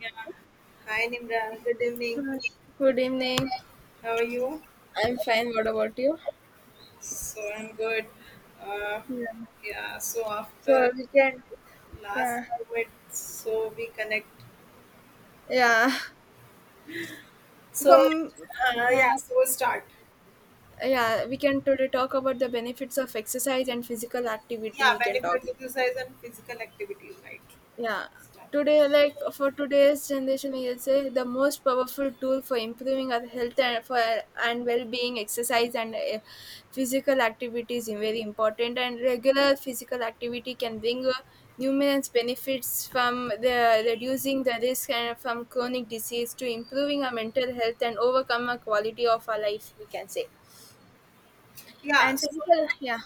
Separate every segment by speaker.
Speaker 1: Yeah. Hi Nimran, good evening.
Speaker 2: Hi. Good evening.
Speaker 1: How are you?
Speaker 2: I'm fine. What about you?
Speaker 1: So I'm good. Uh,
Speaker 2: Yeah.
Speaker 1: yeah. So
Speaker 2: So
Speaker 1: after
Speaker 2: we can,
Speaker 1: last
Speaker 2: yeah.
Speaker 1: summit, so we connect.
Speaker 2: Yeah.
Speaker 1: So,
Speaker 2: From,
Speaker 1: uh,
Speaker 2: yeah.
Speaker 1: yeah, So we'll start.
Speaker 2: Yeah, we can today talk about the benefits of exercise and physical activity.
Speaker 1: Yeah,
Speaker 2: We can talk,
Speaker 1: benefit exercise and physical activities, right? Okay.
Speaker 2: yeah.
Speaker 1: Start.
Speaker 2: Today, like, for today's generation we will say the most powerful tool for improving our health and for and well-being exercise and physical activity is very important, and regular physical activity can bring numerous benefits from the reducing the risk and from chronic disease to improving our mental health and overcome our quality of our life, we can say.
Speaker 1: Yeah,
Speaker 2: And
Speaker 1: so
Speaker 2: physical, yeah.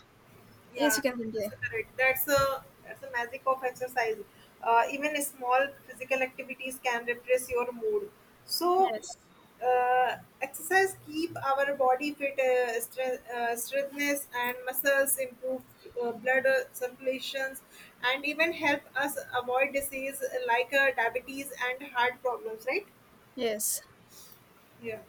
Speaker 2: Yes,
Speaker 1: Yeah,
Speaker 2: you can
Speaker 1: that's
Speaker 2: continue.
Speaker 1: a correct. That's the magic of exercise. Even small physical activities can repress your mood. So,
Speaker 2: Yes,
Speaker 1: uh, exercise keep our body fit, strength, strengthness and muscles improve blood circulations, and even help us avoid disease like diabetes and heart problems. Right?
Speaker 2: yes,
Speaker 1: Yeah.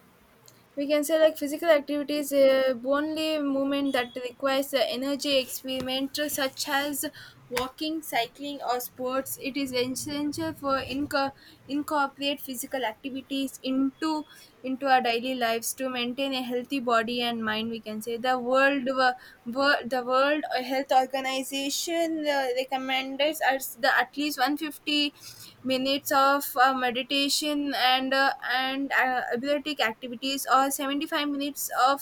Speaker 2: we can say, like, physical activities only movement that requires energy experiment such as walking, cycling, or sports. It is essential for incorporate physical activities into our daily lives to maintain a healthy body and mind. We can say the world, the the World Health Organization recommends us the at least 150 minutes of meditation and athletic activities, or 75 minutes of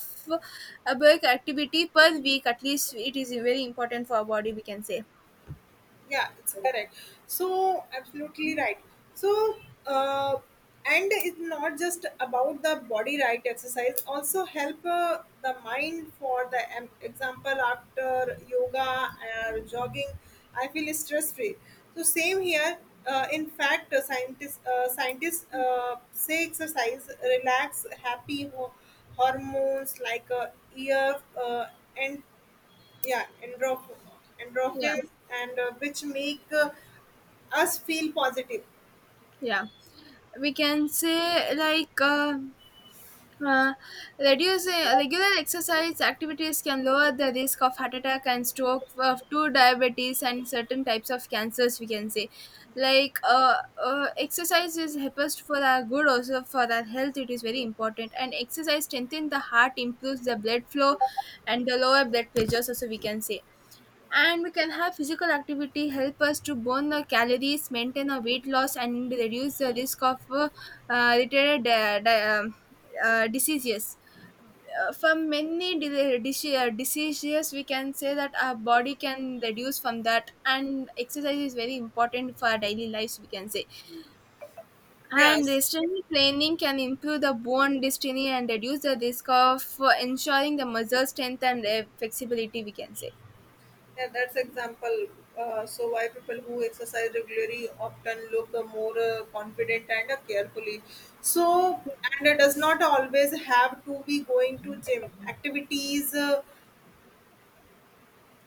Speaker 2: aerobic activity per week at least. It is very important for our body, we can say.
Speaker 1: Yeah, it's correct, so absolutely right. so uh, and it's not just about the body, right? Exercise also help the mind. For example, after yoga or jogging I feel stress free. So same here. In fact, scientists say exercise relax happy hormones like ear uh, yeah endorph-
Speaker 2: Yeah,
Speaker 1: endorphins and which make us feel positive.
Speaker 2: yeah, we can say, like, Uh, reducing regular exercise activities can lower the risk of heart attack and stroke of two diabetes and certain types of cancers, we can say. Like, exercise is helps for our good also for our health. It is very important, and exercise strengthens the heart, improves the blood flow and the lower blood pressures also, we can say. And we can have physical activity help us to burn the calories, maintain our weight loss, and reduce the risk of related diseases from many diseases, we can say, that our body can reduce from that. And exercise is very important for our daily lives, we can say. And
Speaker 1: Yes,
Speaker 2: strength training can improve the bone density and reduce the risk of ensuring the muscle strength and flexibility, we can say.
Speaker 1: yeah, that's example. So why people who exercise regularly often look more confident and carefully. So and it does not always have to be going to gym activities. uh,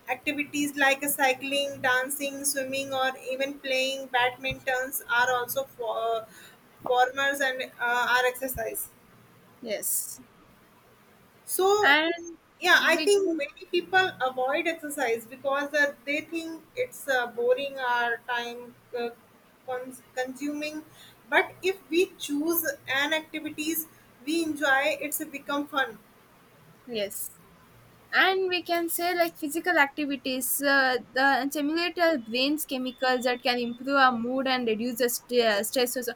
Speaker 1: activities like cycling, dancing, swimming, or even playing badmintons are also for, formers and are exercise.
Speaker 2: Yes,
Speaker 1: So
Speaker 2: and
Speaker 1: yeah, I
Speaker 2: we
Speaker 1: think
Speaker 2: can,
Speaker 1: many people avoid exercise because they think it's boring or time consuming. But if we choose an activities we enjoy, it's become fun.
Speaker 2: yes, and we can say, like, physical activities the stimulate our brains chemicals that can improve our mood and reduce the stress also.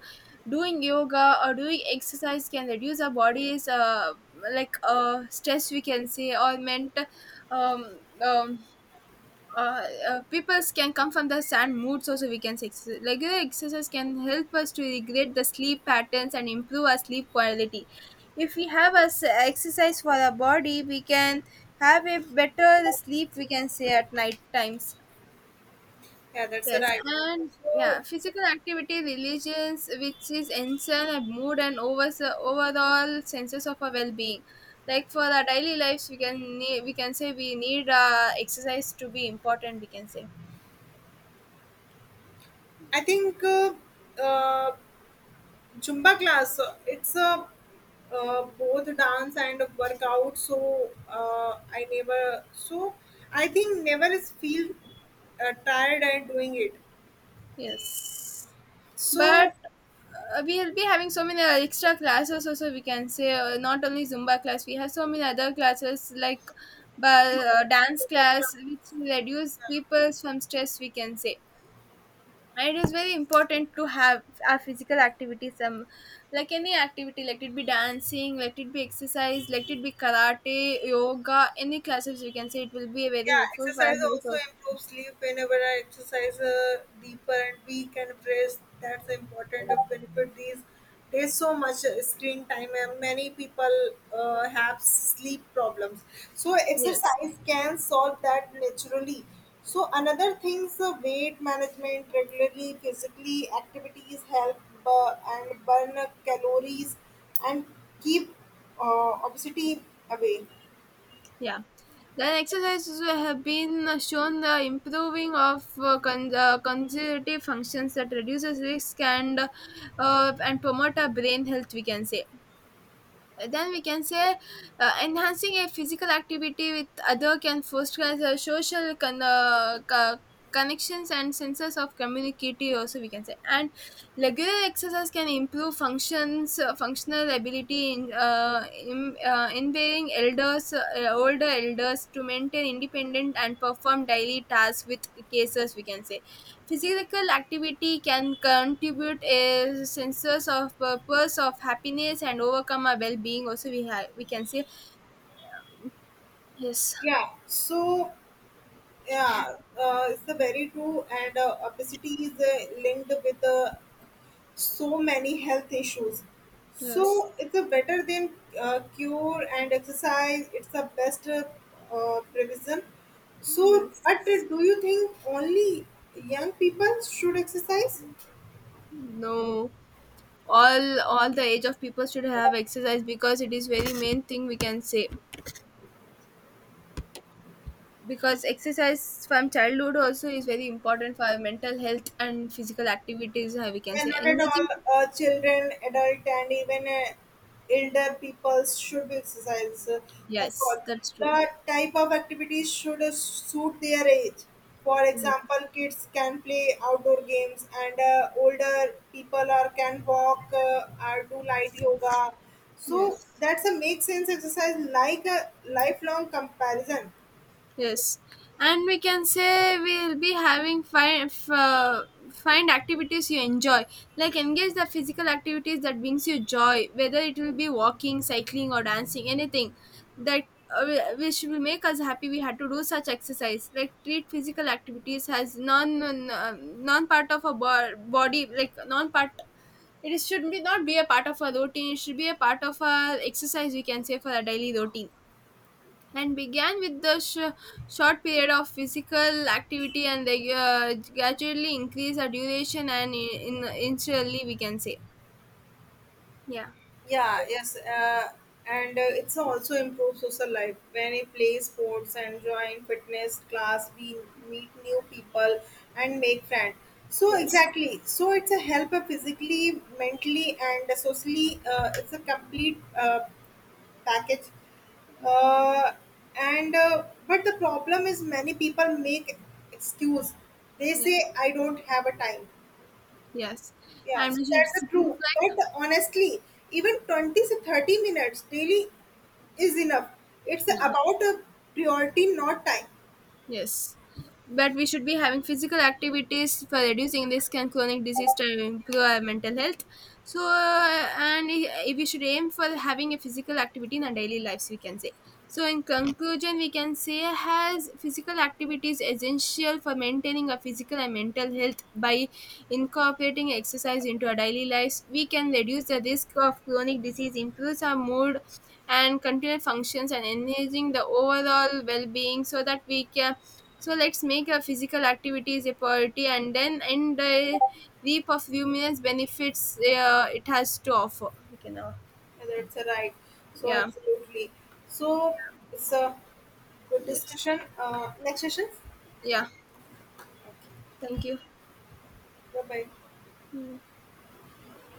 Speaker 2: Doing yoga or doing exercise can reduce our body's like, stress, we can say, or mental, um, um people can come from the sand moods also, we can say. Exercise, regular exercise can help us to regulate the sleep patterns and improve our sleep quality. If we have a exercise for our body, we can have a better sleep, we can say, at night times.
Speaker 1: Yeah, that's
Speaker 2: Yes,
Speaker 1: right.
Speaker 2: and
Speaker 1: So
Speaker 2: yeah, physical activity religions which is enhance our mood and over overall senses of our well-being. Like, for our daily lives, we can we can say, we need exercise to be important, we can say.
Speaker 1: I think uh, Zumba class, it's a both dance and workout. So I never, so I think never is feel tired and doing it.
Speaker 2: Yes,
Speaker 1: So
Speaker 2: but we'll be having so many extra classes also, we can say. Uh, not only Zumba class. We have so many other classes, like, but,
Speaker 1: you,
Speaker 2: dance class, which will reduce people from stress, we can say. And it is very important to have our physical activity. Some, like any activity, let it be dancing, let it be exercise, let it be karate, yoga, any classes. We can say it will be very
Speaker 1: yeah,
Speaker 2: helpful for
Speaker 1: exercise
Speaker 2: our health
Speaker 1: also
Speaker 2: also.
Speaker 1: improves sleep. Whenever I exercise deeper and we can rest, that's important of benefit. These There's so much screen time and many people have sleep problems. So
Speaker 2: Yes.
Speaker 1: exercise can solve that naturally. So another things, weight management, regularly physically activities help and burn calories and keep obesity away.
Speaker 2: Yeah. Then exercises have been shown the improving of cognitive functions that reduces risk and promote our brain health, we can say. Then we can say, enhancing a physical activity with other can foster a social connections and senses of community also, we can say. And regular exercise can improve functions, functional ability in enabling elders, older elders, to maintain independent and perform daily tasks with cases, we can say. Physical activity can contribute a sense of purpose, of happiness, and overcome our well-being also, we have, we can say. Yes,
Speaker 1: Yeah, so yeah, it's a very true, and obesity is linked with so many health issues. So
Speaker 2: yes,
Speaker 1: it's a better than cure, and exercise, it's the best prevention. So, but
Speaker 2: yes.
Speaker 1: do you think only young people should exercise?
Speaker 2: No, all the age of people should have exercise because it is very main thing, we can say. Because exercise from childhood also is very important for our mental health and physical activities. We can
Speaker 1: Yeah,
Speaker 2: say
Speaker 1: not at
Speaker 2: engaging.
Speaker 1: all. Children, adult, and even elder people should exercise. Of course,
Speaker 2: Yes, that's true.
Speaker 1: the type of activities should suit their age. For
Speaker 2: Yes,
Speaker 1: example, kids can play outdoor games, and older people are can walk or do light yoga. So
Speaker 2: yes.
Speaker 1: that's a make sense, exercise like a lifelong comparison.
Speaker 2: Yes, and we can say we'll be having find find activities you enjoy, like engage the physical activities that brings you joy, whether it will be walking, cycling, or dancing, anything that, uh, which will make us happy. We had to do such exercise, like treat physical activities as non, non part of a body, like non part. It should be not be a part of a routine. It should be a part of a exercise, we can say, for a daily routine. And began with the short period of physical activity, and they gradually increase the duration and in initially, we can say. Yeah.
Speaker 1: Yeah, yes, and it's also improves social life. When we play sports and join fitness class, we meet new people and make friends. So
Speaker 2: Yes.
Speaker 1: exactly, so it's a help physically, mentally, and socially. It's a complete package. Uh, and But the problem is many people make excuse. They
Speaker 2: Yeah.
Speaker 1: say I don't have a time.
Speaker 2: Yes,
Speaker 1: Yeah,
Speaker 2: and
Speaker 1: so
Speaker 2: we should
Speaker 1: that's the
Speaker 2: simply,
Speaker 1: true. But honestly, even 20 to 30 minutes daily is enough. It's
Speaker 2: like,
Speaker 1: about a priority, not time.
Speaker 2: yes, but we should be having physical activities for reducing risk and chronic disease to improve our mental health. So, we should aim for having a physical activity in our daily lives, we can say. So, in conclusion, we can say, has physical activity is essential for maintaining our physical and mental health. By incorporating exercise into our daily lives, we can reduce the risk of chronic disease, improves our mood and continued functions, and enhancing the overall well-being. So that we can, so let's make our physical activities a priority, and then and the reap of numerous benefits it has to offer. We can, uh.
Speaker 1: Yeah, that's a right. So
Speaker 2: Yeah,
Speaker 1: absolutely. So it's a good
Speaker 2: yes,
Speaker 1: discussion. Next session.
Speaker 2: yeah. Thank you.
Speaker 1: Bye bye.
Speaker 2: Mm.